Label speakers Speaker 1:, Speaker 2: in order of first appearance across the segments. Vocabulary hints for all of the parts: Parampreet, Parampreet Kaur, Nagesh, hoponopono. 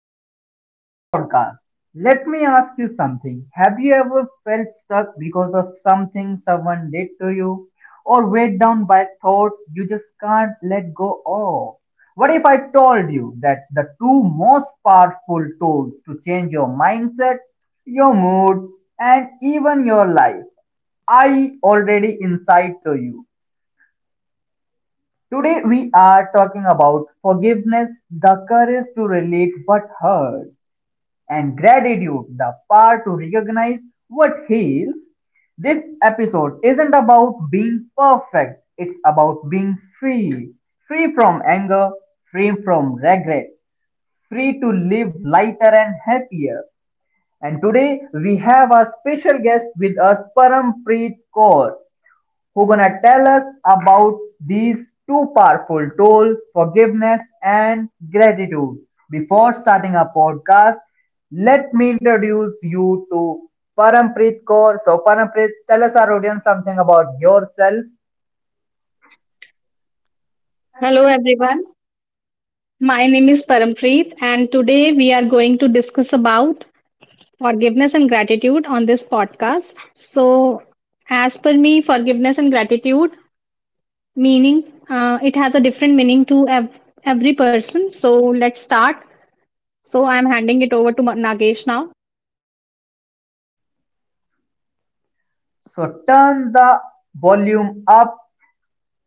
Speaker 1: Welcome to our podcast. Let me ask you something. Have you ever felt stuck because of something someone did to you, or weighed down by thoughts you just can't let go of? What if I told you that the two most powerful tools to change your mindset, your mood, and even your life I already inside to you? Today we are talking about forgiveness, the courage to relate what hurts, and gratitude, the power to recognize what heals. This episode isn't about being perfect, it's about being free. Free from anger, free from regret, free to live lighter and happier. And today we have a special guest with us, Parampreet Kaur who gonna tell us about these two powerful tools, forgiveness and gratitude. Before starting our podcast, let me introduce you to Parampreet Kaur. So Parampreet, tell us our audience something about yourself.
Speaker 2: Hello everyone, my name is Parampreet and today we are going to discuss about forgiveness and gratitude on this podcast. So as per me, forgiveness and gratitude meaning it has a different meaning to every person. So let's start. So I'm handing it over to Nagesh now.
Speaker 1: So turn the volume up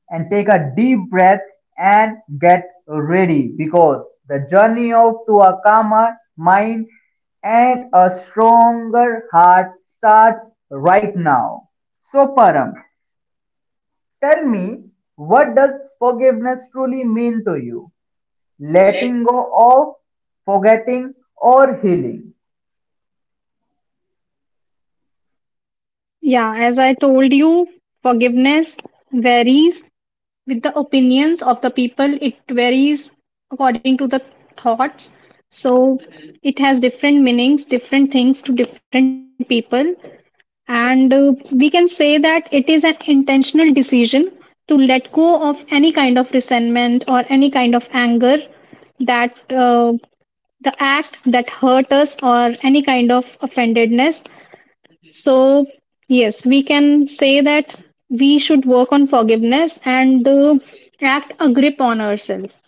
Speaker 1: and take a deep breath and get ready because the journey of to a calmer mind and a stronger heart starts right now. So Param, tell me what does forgiveness truly mean to you? Letting go of, forgetting or healing?
Speaker 2: Yeah, as I told you, forgiveness varies with the opinions of the people, it varies according to the thoughts. So it has different meanings, different things to different people. And we can say that it is an intentional decision to let go of any kind of resentment or any kind of anger that, uh, the act that hurt us or any kind of offendedness. So, yes, we can say that we should work on forgiveness and act a grip on ourselves.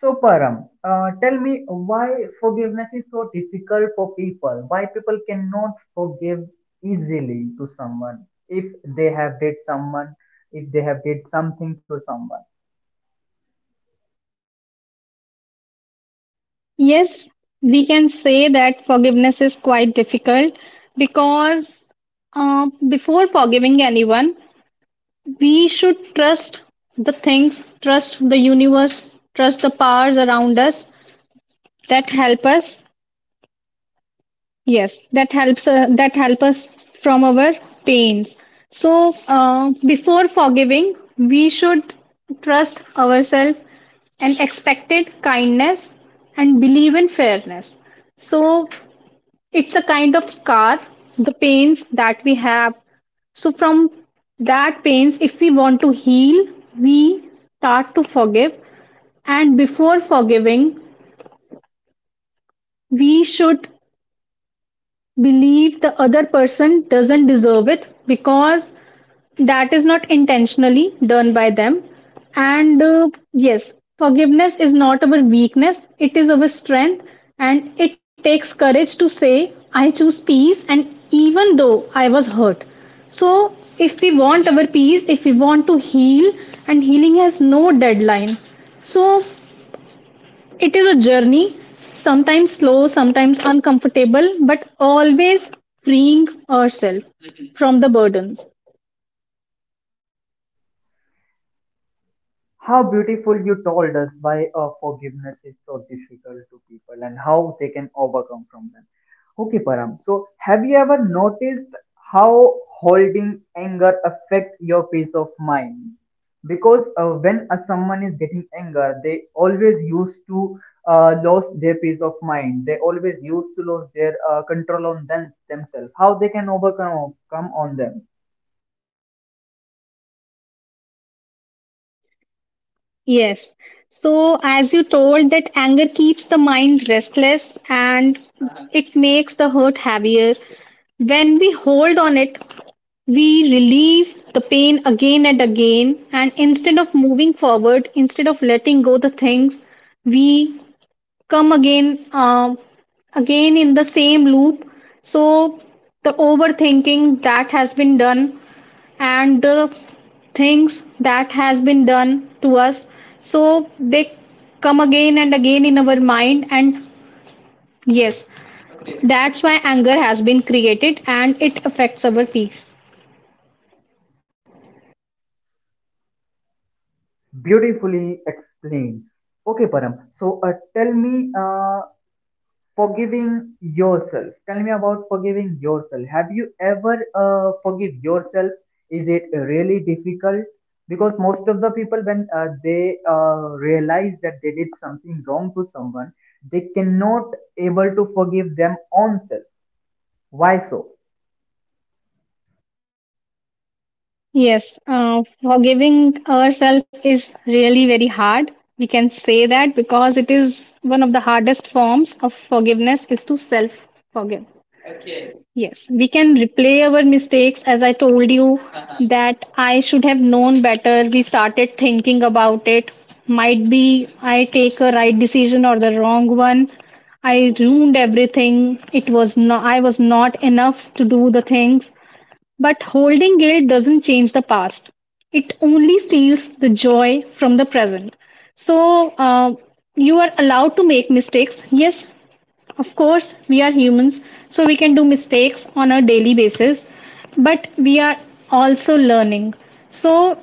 Speaker 1: So, Param, tell me why is so difficult for people? Why people cannot forgive easily to someone if they have did someone, if they have did something to someone?
Speaker 2: Yes, we can say that forgiveness is quite difficult because before forgiving anyone, we should trust the things, trust the universe, trust the powers around us that help us. Yes, that helps, that help us from our pains. So before forgiving, we should trust ourselves and expected kindness and believe in fairness. So it's a kind of scar, the pains that we have. So from that pains, if we want to heal, we start to forgive. And before forgiving, we should believe the other person doesn't deserve it because that is not intentionally done by them. And yes, forgiveness is not our weakness, it is our strength. And it takes courage to say, I choose peace, and even though I was hurt. So, if we want our peace, if we want to heal, and healing has no deadline. So, it is a journey, sometimes slow, sometimes uncomfortable, but always freeing ourselves from the burdens.
Speaker 1: How beautiful you told us why forgiveness is so difficult to people and how they can overcome from them. Okay, Param. So, have you ever noticed how holding anger affect your peace of mind? Because when a someone is getting anger, they always used to lose their peace of mind. They always used to lose their control on them themselves. How they can overcome come on them?
Speaker 2: Yes. So, as you told, that anger keeps the mind restless and it makes the hurt heavier. When we hold on it, we relieve the pain again and again. And instead of moving forward, instead of letting go the things, we come again, again in the same loop. So the overthinking that has been done and the things that has been done to us, so they come again and again in our mind. And yes, that's why anger has been created and it affects our peace.
Speaker 1: Beautifully explained. Okay, Param. So tell me, forgiving yourself. Tell me about forgiving yourself. Have you ever forgive yourself? Is it really difficult? Because most of the people, when they realize that they did something wrong to someone, they cannot able to forgive them own self. Why so?
Speaker 2: Yes, forgiving ourselves is really very hard. We can say that because it is one of the hardest forms of forgiveness is to self forgive. Yes, we can replay our mistakes. As I told you, that I should have known better. We started thinking about it. Might be I take a right decision or the wrong one. I ruined everything. It was not, I was not enough to do the things. But holding guilt doesn't change the past. It only steals the joy from the present. So you are allowed to make mistakes. Yes, of course, we are humans, so we can do mistakes on a daily basis. But we are also learning. So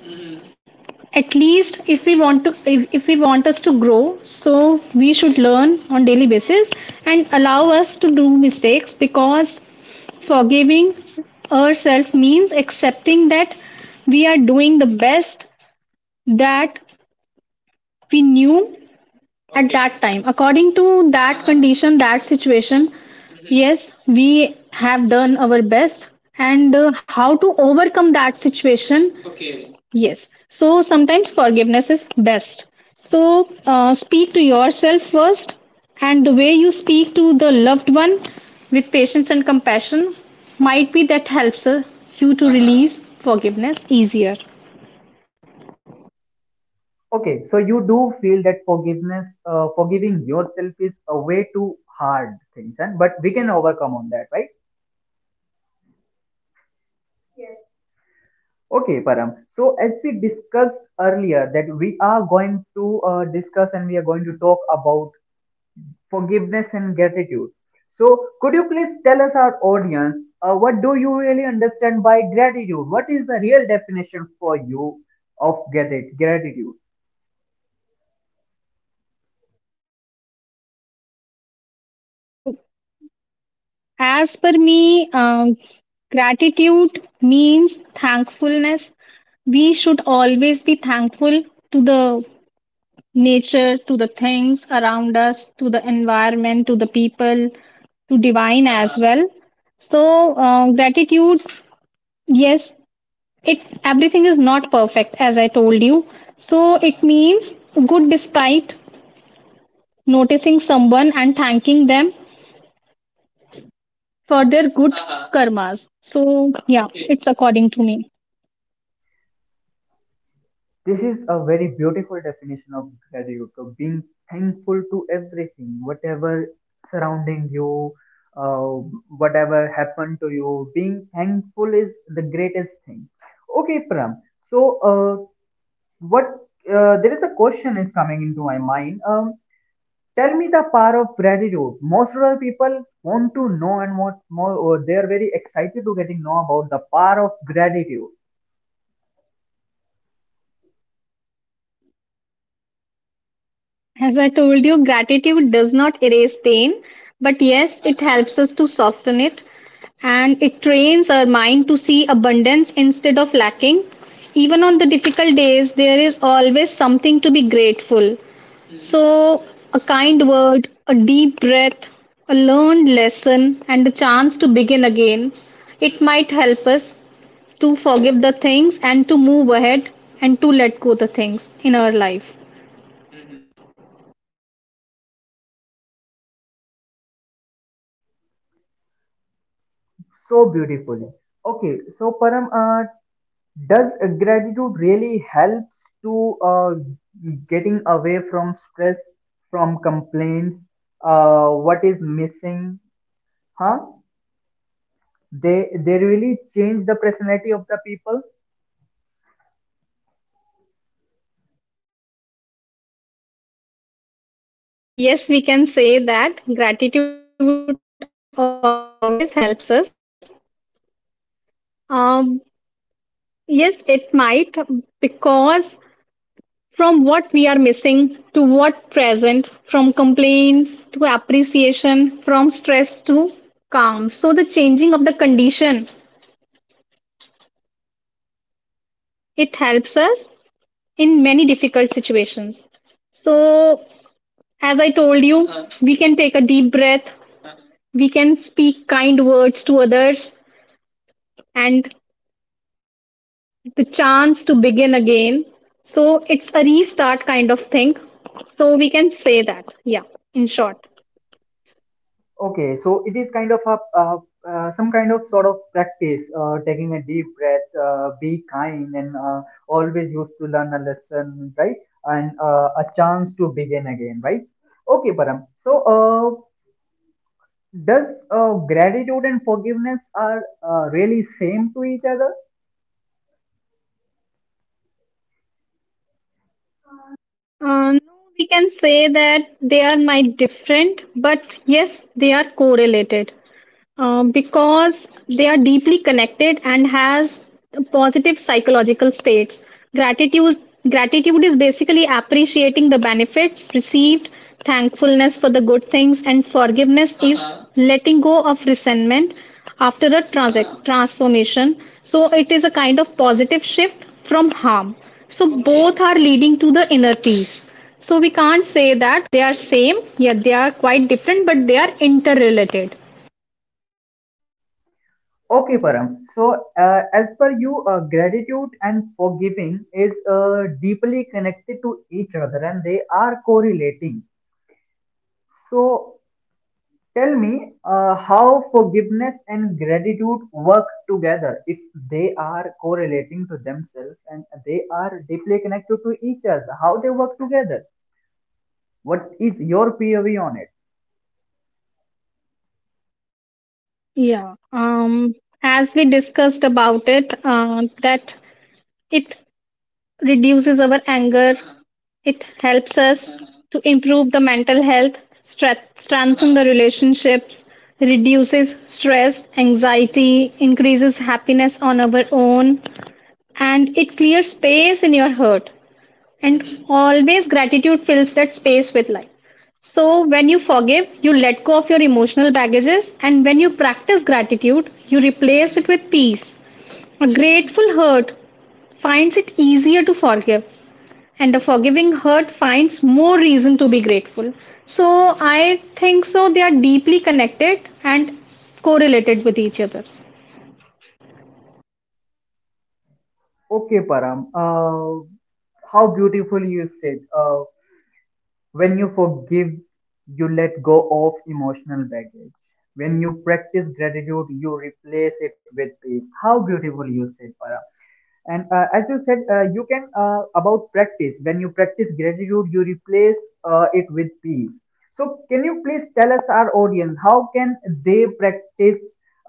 Speaker 2: at least if we want to, if we want us to grow, so we should learn on daily basis and allow us to do mistakes. Because forgiving ourselves means accepting that we are doing the best that we knew at that time. According to that condition, that situation, yes, we have done our best. And how to overcome that situation. Yes. So sometimes forgiveness is best. So speak to yourself first, and the way you speak to the loved one with patience and compassion, might be that helps you to release forgiveness easier.
Speaker 1: Okay, so you do feel that forgiveness, forgiving yourself is a way too hard things, and but we can overcome on that, right? Okay, Param. So as we discussed earlier, that we are going to discuss and we are going to talk about forgiveness and gratitude. So could you please tell us our audience, what do you really understand by gratitude? What is the real definition for you of gratitude?
Speaker 2: So, as per me, gratitude means thankfulness. We should always be thankful to the nature, to the things around us, to the environment, to the people, to divine as well. So, gratitude, yes, it everything is not perfect, as I told you. So, it means good despite noticing someone and thanking them for their good karmas. So, yeah, it's according to me.
Speaker 1: This is a very beautiful definition of gratitude, of being thankful to everything, whatever surrounding you, uh, whatever happened to you. Being thankful is the greatest thing. Okay, Pram. So, uh, what there is a question is coming into my mind. Tell me the power of gratitude. Most of the people want to know and want more, or they are very excited to getting know about the power of gratitude.
Speaker 2: As I told you, gratitude does not erase pain, but yes, it helps us to soften it and it trains our mind to see abundance instead of lacking. Even on the difficult days, there is always something to be grateful. So, a kind word, a deep breath, a learned lesson, and a chance to begin again, it might help us to forgive the things and to move ahead and to let go the things in our life.
Speaker 1: So beautifully. Okay, so Param, does gratitude really helps to getting away from stress from complaints, what is missing, huh they really change the personality of the people?
Speaker 2: Yes, we can say that gratitude always helps us. Um, yes, it might, because from what we are missing to what present, from complaints to appreciation, from stress to calm. So the changing of the condition, it helps us in many difficult situations. So, as I told you, we can take a deep breath, we can speak kind words to others, and the chance to begin again. So it's a restart kind of thing. So we can say that, yeah, in short.
Speaker 1: Okay, so it is kind of a some kind of sort of practice, taking a deep breath, be kind, and always used to learn a lesson, right? And a chance to begin again, right? Okay, Param. So does gratitude and forgiveness are really same to each other?
Speaker 2: No, we can say that they are my different, but yes, they are correlated. Because they are deeply connected and has positive psychological states. Gratitude, gratitude is basically appreciating the benefits received, thankfulness for the good things, and forgiveness is, uh-huh, letting go of resentment after a uh-huh, transformation. So it is a kind of positive shift from harm. So, okay, both are leading to the inner peace. So we can't say that they are same, yet they are quite different, but they are interrelated.
Speaker 1: Okay, Param. So, as per you, gratitude and forgiving is deeply connected to each other, and they are correlating. So, tell me how forgiveness and gratitude work together if they are correlating to themselves and they are deeply connected to each other. How they work together? What is your POV on it?
Speaker 2: Yeah, as we discussed about it, that it reduces our anger, it helps us to improve the mental health, strengthen the relationships, reduces stress, anxiety, increases happiness on our own, and it clears space in your heart. And always gratitude fills that space with light. So when you forgive, you let go of your emotional baggages, and when you practice gratitude, you replace it with peace. A grateful hurt finds it easier to forgive, and a forgiving hurt finds more reason to be grateful. So I think so they are deeply connected and correlated with each other.
Speaker 1: Okay, Param. How beautiful you said. When you forgive, you let go of emotional baggage. When you practice gratitude, you replace it with peace. How beautiful you said, Param. And as you said, you can about practice. When you practice gratitude, you replace it with peace. So, can you please tell us our audience how can they practice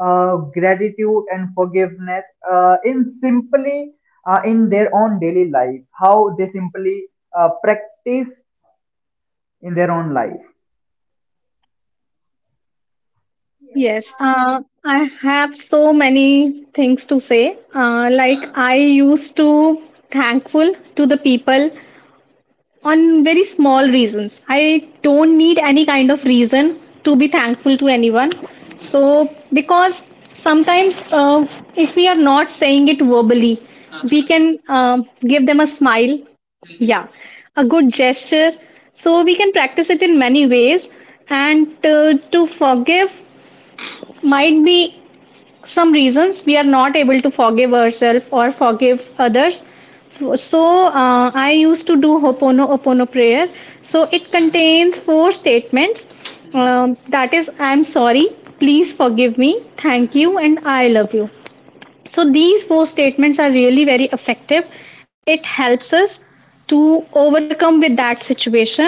Speaker 1: gratitude and forgiveness in simply in their own daily life? How they simply practice in their own life?
Speaker 2: Yes, I have so many things to say. Like I used to thankful to the people on very small reasons. I don't need any kind of reason to be thankful to anyone. So because sometimes if we are not saying it verbally, we can give them a smile. Yeah, a good gesture. So we can practice it in many ways. And to forgive, might be some reasons we are not able to forgive ourselves or forgive others. So I used to do hoponopono prayer. So it contains four statements, that is I'm sorry, please forgive me, thank you, and I love you. So these four statements are really very effective. It helps us to overcome with that situation.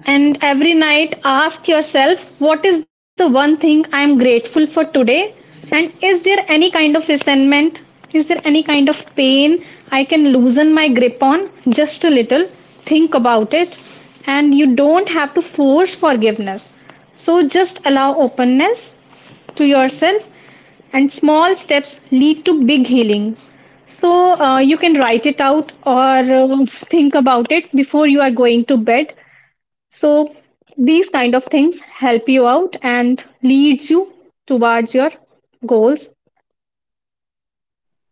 Speaker 2: And every night, ask yourself, what is the one thing I am grateful for today? And is there any kind of resentment? Is there any kind of pain I can loosen my grip on? Just a little. Think about it. And you don't have to force forgiveness. So just allow openness to yourself, and small steps lead to big healing. So you can write it out or think about it before you are going to bed. So these kind of things help you out and leads you towards your goals.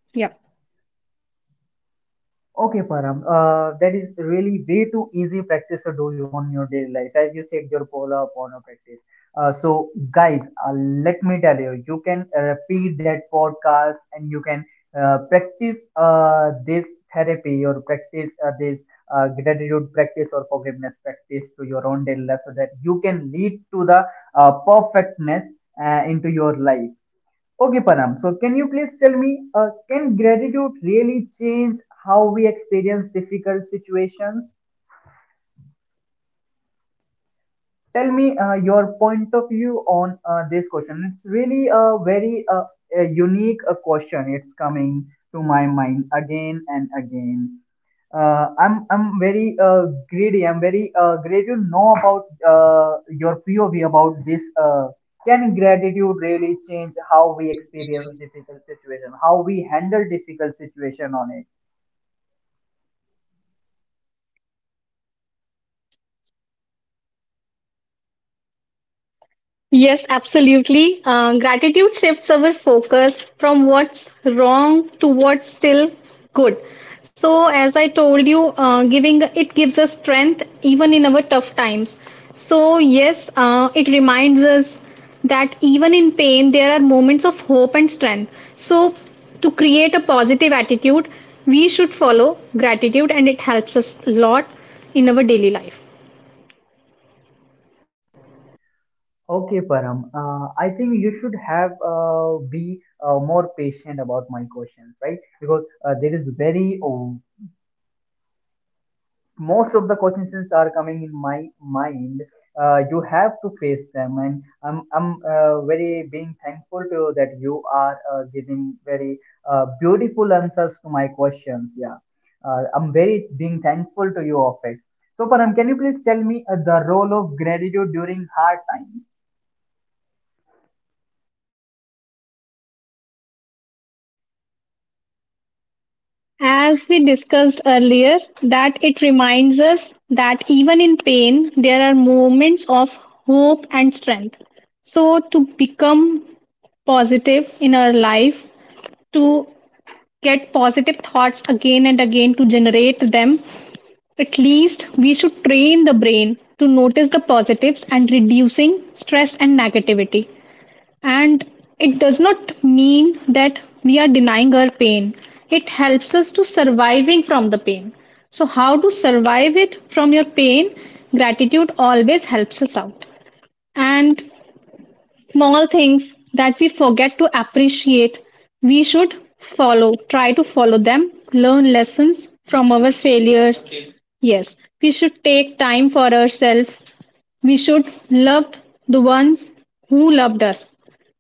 Speaker 2: Yeah.
Speaker 1: Okay, Param. That is really way too easy practice to do on your daily life. As you said, your pull-up practice. So, guys, let me tell you, you can repeat that podcast and you can practice this therapy or practice this gratitude practice or forgiveness practice to your own daily life so that you can lead to the perfectness into your life. Okay, Panam. So, can you please tell me, can gratitude really change how we experience difficult situations? Tell me your point of view on this question. It's really a very a unique question. It's coming to my mind again and again. I'm very greedy. I'm very great to know about your POV about this. Can gratitude really change how we experience difficult situation, how we handle difficult situation on it?
Speaker 2: Yes, absolutely. Gratitude shifts our focus from what's wrong to what's still good. So, as I told you, giving it gives us strength even in our tough times. So, yes, it reminds us that even in pain, there are moments of hope and strength. So, to create a positive attitude, we should follow gratitude, and it helps us a lot in our daily life.
Speaker 1: Okay, Param. I think you should have be more patient about my questions, right? Because there is very most of the questions are coming in my mind, you have to face them, and I'm very being thankful to you that you are giving very beautiful answers to my questions, yeah. I'm very being thankful to you of it. So Param, can you please tell me the role of gratitude during hard times?
Speaker 2: As we discussed earlier, that it reminds us that even in pain, there are moments of hope and strength. So, to become positive in our life, to get positive thoughts again and again, to generate them, at least we should train the brain to notice the positives and reducing stress and negativity. And it does not mean that we are denying our pain. It helps us to surviving from the pain. So how to survive it from your pain? Gratitude always helps us out. And small things that we forget to appreciate, we should follow, try to follow them, learn lessons from our failures. Okay. Yes, we should take time for ourselves, we should love the ones who loved us.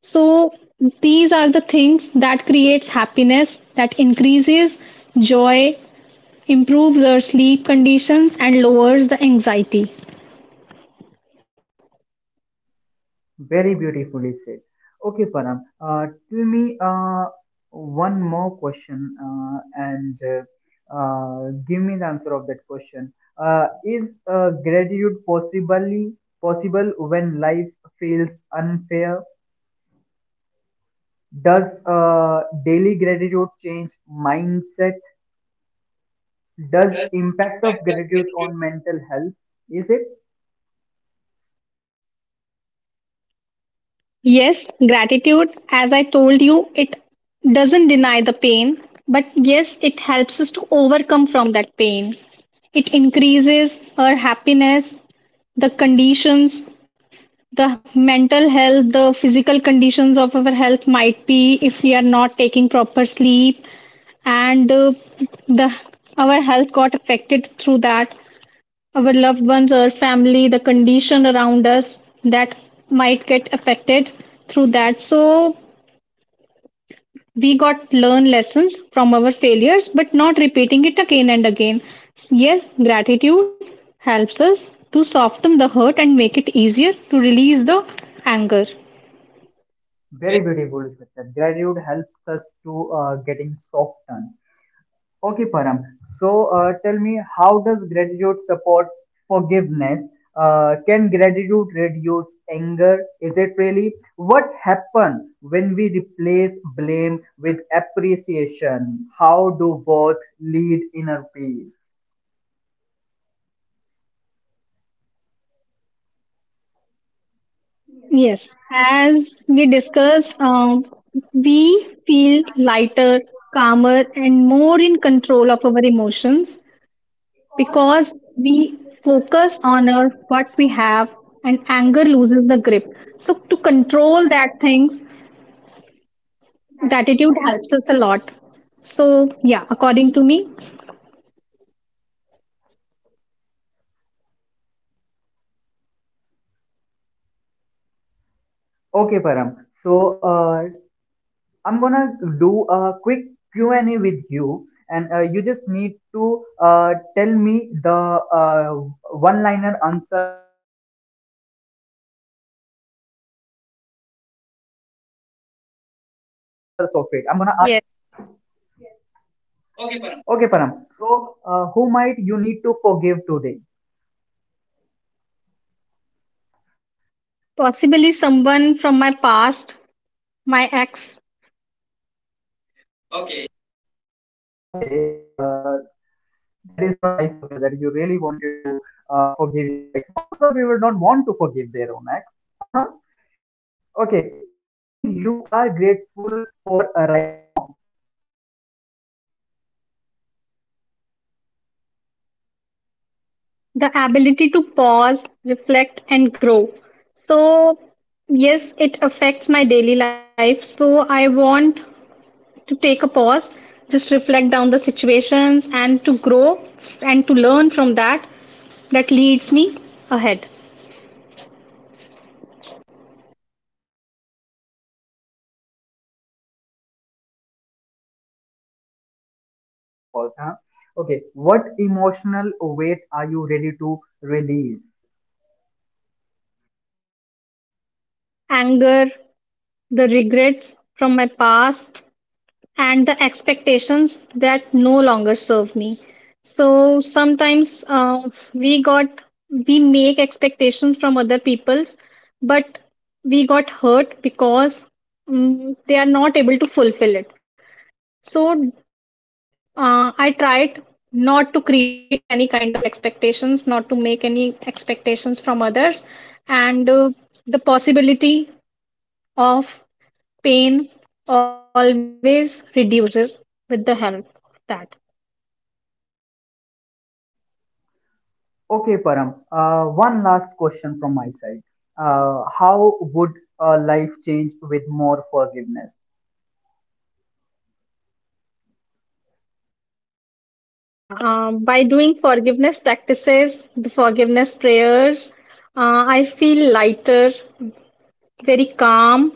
Speaker 2: So these are the things that creates happiness, that increases joy, improves our sleep conditions and lowers the anxiety.
Speaker 1: Very beautifully said. Okay, Param. Tell me one more question, and give me the answer of that question. Is gratitude possibly possible when life feels unfair? Does daily gratitude change mindset? Does impact of gratitude on mental health? Is it
Speaker 2: Yes, gratitude, as I told you, it doesn't deny the pain, but yes, it helps us to overcome from that pain. It increases our happiness, the conditions, the mental health, the physical conditions of our health, might be if we are not taking proper sleep, and the our health got affected through that. Our loved ones, our family, the condition around us, that might get affected through that. So we got learn lessons from our failures, but not repeating it again and again. Yes, gratitude helps us to soften the hurt and make it easier to release the anger.
Speaker 1: very beautiful? Smita. Gratitude helps us to getting softened. Okay, Param. So, tell me, how does gratitude support forgiveness? Can gratitude reduce anger? Is it really? What happens when we replace blame with appreciation? How do both lead inner peace?
Speaker 2: Yes, as we discussed, we feel lighter, calmer, and more in control of our emotions, because we focus on our what we have, and anger loses the grip. So to control that things, gratitude helps us a lot. So yeah, according to me.
Speaker 1: Okay, Param. So, I'm gonna do a quick Q&A with you, and you just need to tell me the one-liner answers of it. I'm gonna ask you some quick questions, and you have to answer it on a one-liner. So, are you ready for it, Pawan? Param.
Speaker 2: Yes.
Speaker 1: Okay, Param. So, who might you need to forgive today?
Speaker 2: Possibly someone from my past, my ex.
Speaker 1: Okay, that is so nice of you that you really wanted to forgive your ex. Most of the people don't want to forgive their own ex. Uh-huh. Okay, one thing you are grateful for right now.
Speaker 2: The ability to pause, reflect, and grow. So, yes, it affects my daily life. So, I want to take a pause, just reflect down the situations and to grow and to learn from that, that leads me ahead.
Speaker 1: Okay, Param. So, you really wanted to take the ability to pause, huh? Okay, what emotional weight are you ready to release?
Speaker 2: Anger, the regrets from my past, and the expectations that no longer serve me. So sometimes we got, we make expectations from other people's, but we got hurt because, mm, they are not able to fulfill it. So I tried not to create any kind of expectations, not to make any expectations from others, and the possibility of pain always reduces with the help of that.
Speaker 1: Okay, Param. One last question from my side. How would life change with more forgiveness?
Speaker 2: Yeah, by doing forgiveness practices, the forgiveness prayers, I feel lighter, very calm,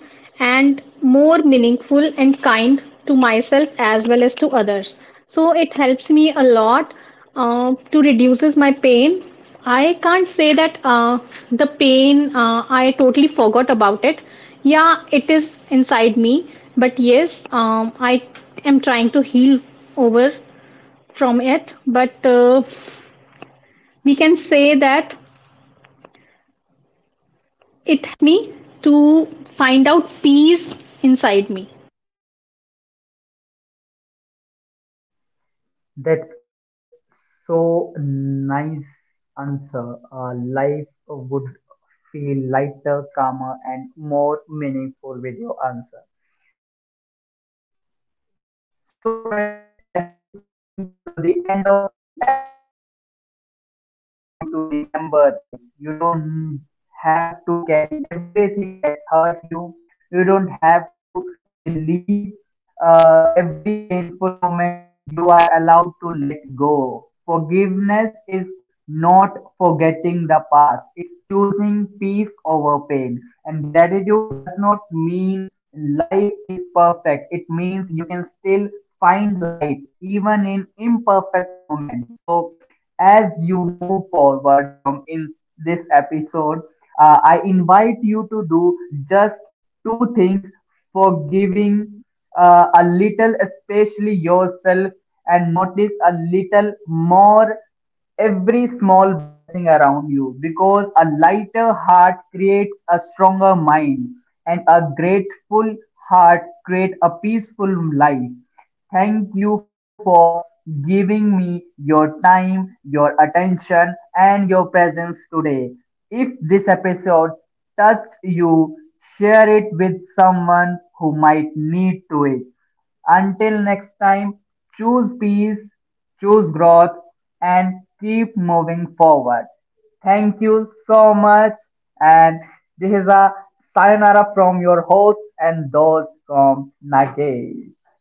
Speaker 2: and more meaningful and kind to myself as well as to others. So it helps me a lot to reduces my pain. I can't say that the pain, I totally forgot about it. Yeah, it is inside me, but yes, I am trying to heal over from it, but we can say that it helped me to find out peace inside me.
Speaker 1: That's so nice answer. Life would feel lighter, calmer, and more meaningful with your answer. So, friends, as we came to the end of this episode, I want you to remember this. You don't have to carry everything that hurt you, you don't have to relieve every painful moment. You are allowed to let go. Forgiveness is not forgetting the past, it's choosing peace over pain. And gratitude does not mean life just two things, forgiving a little, especially yourself, and notice a little more every small blessing around you, because a lighter heart creates a stronger mind and a grateful heart creates a peaceful life. Thank you for giving me your time, your attention, and your presence today. If this episode touched you, share it with someone who might need to it. Until next time, choose peace, choose growth, and keep moving forward. Thank you so much. And this is a sayonara from your host and those from Nagesh.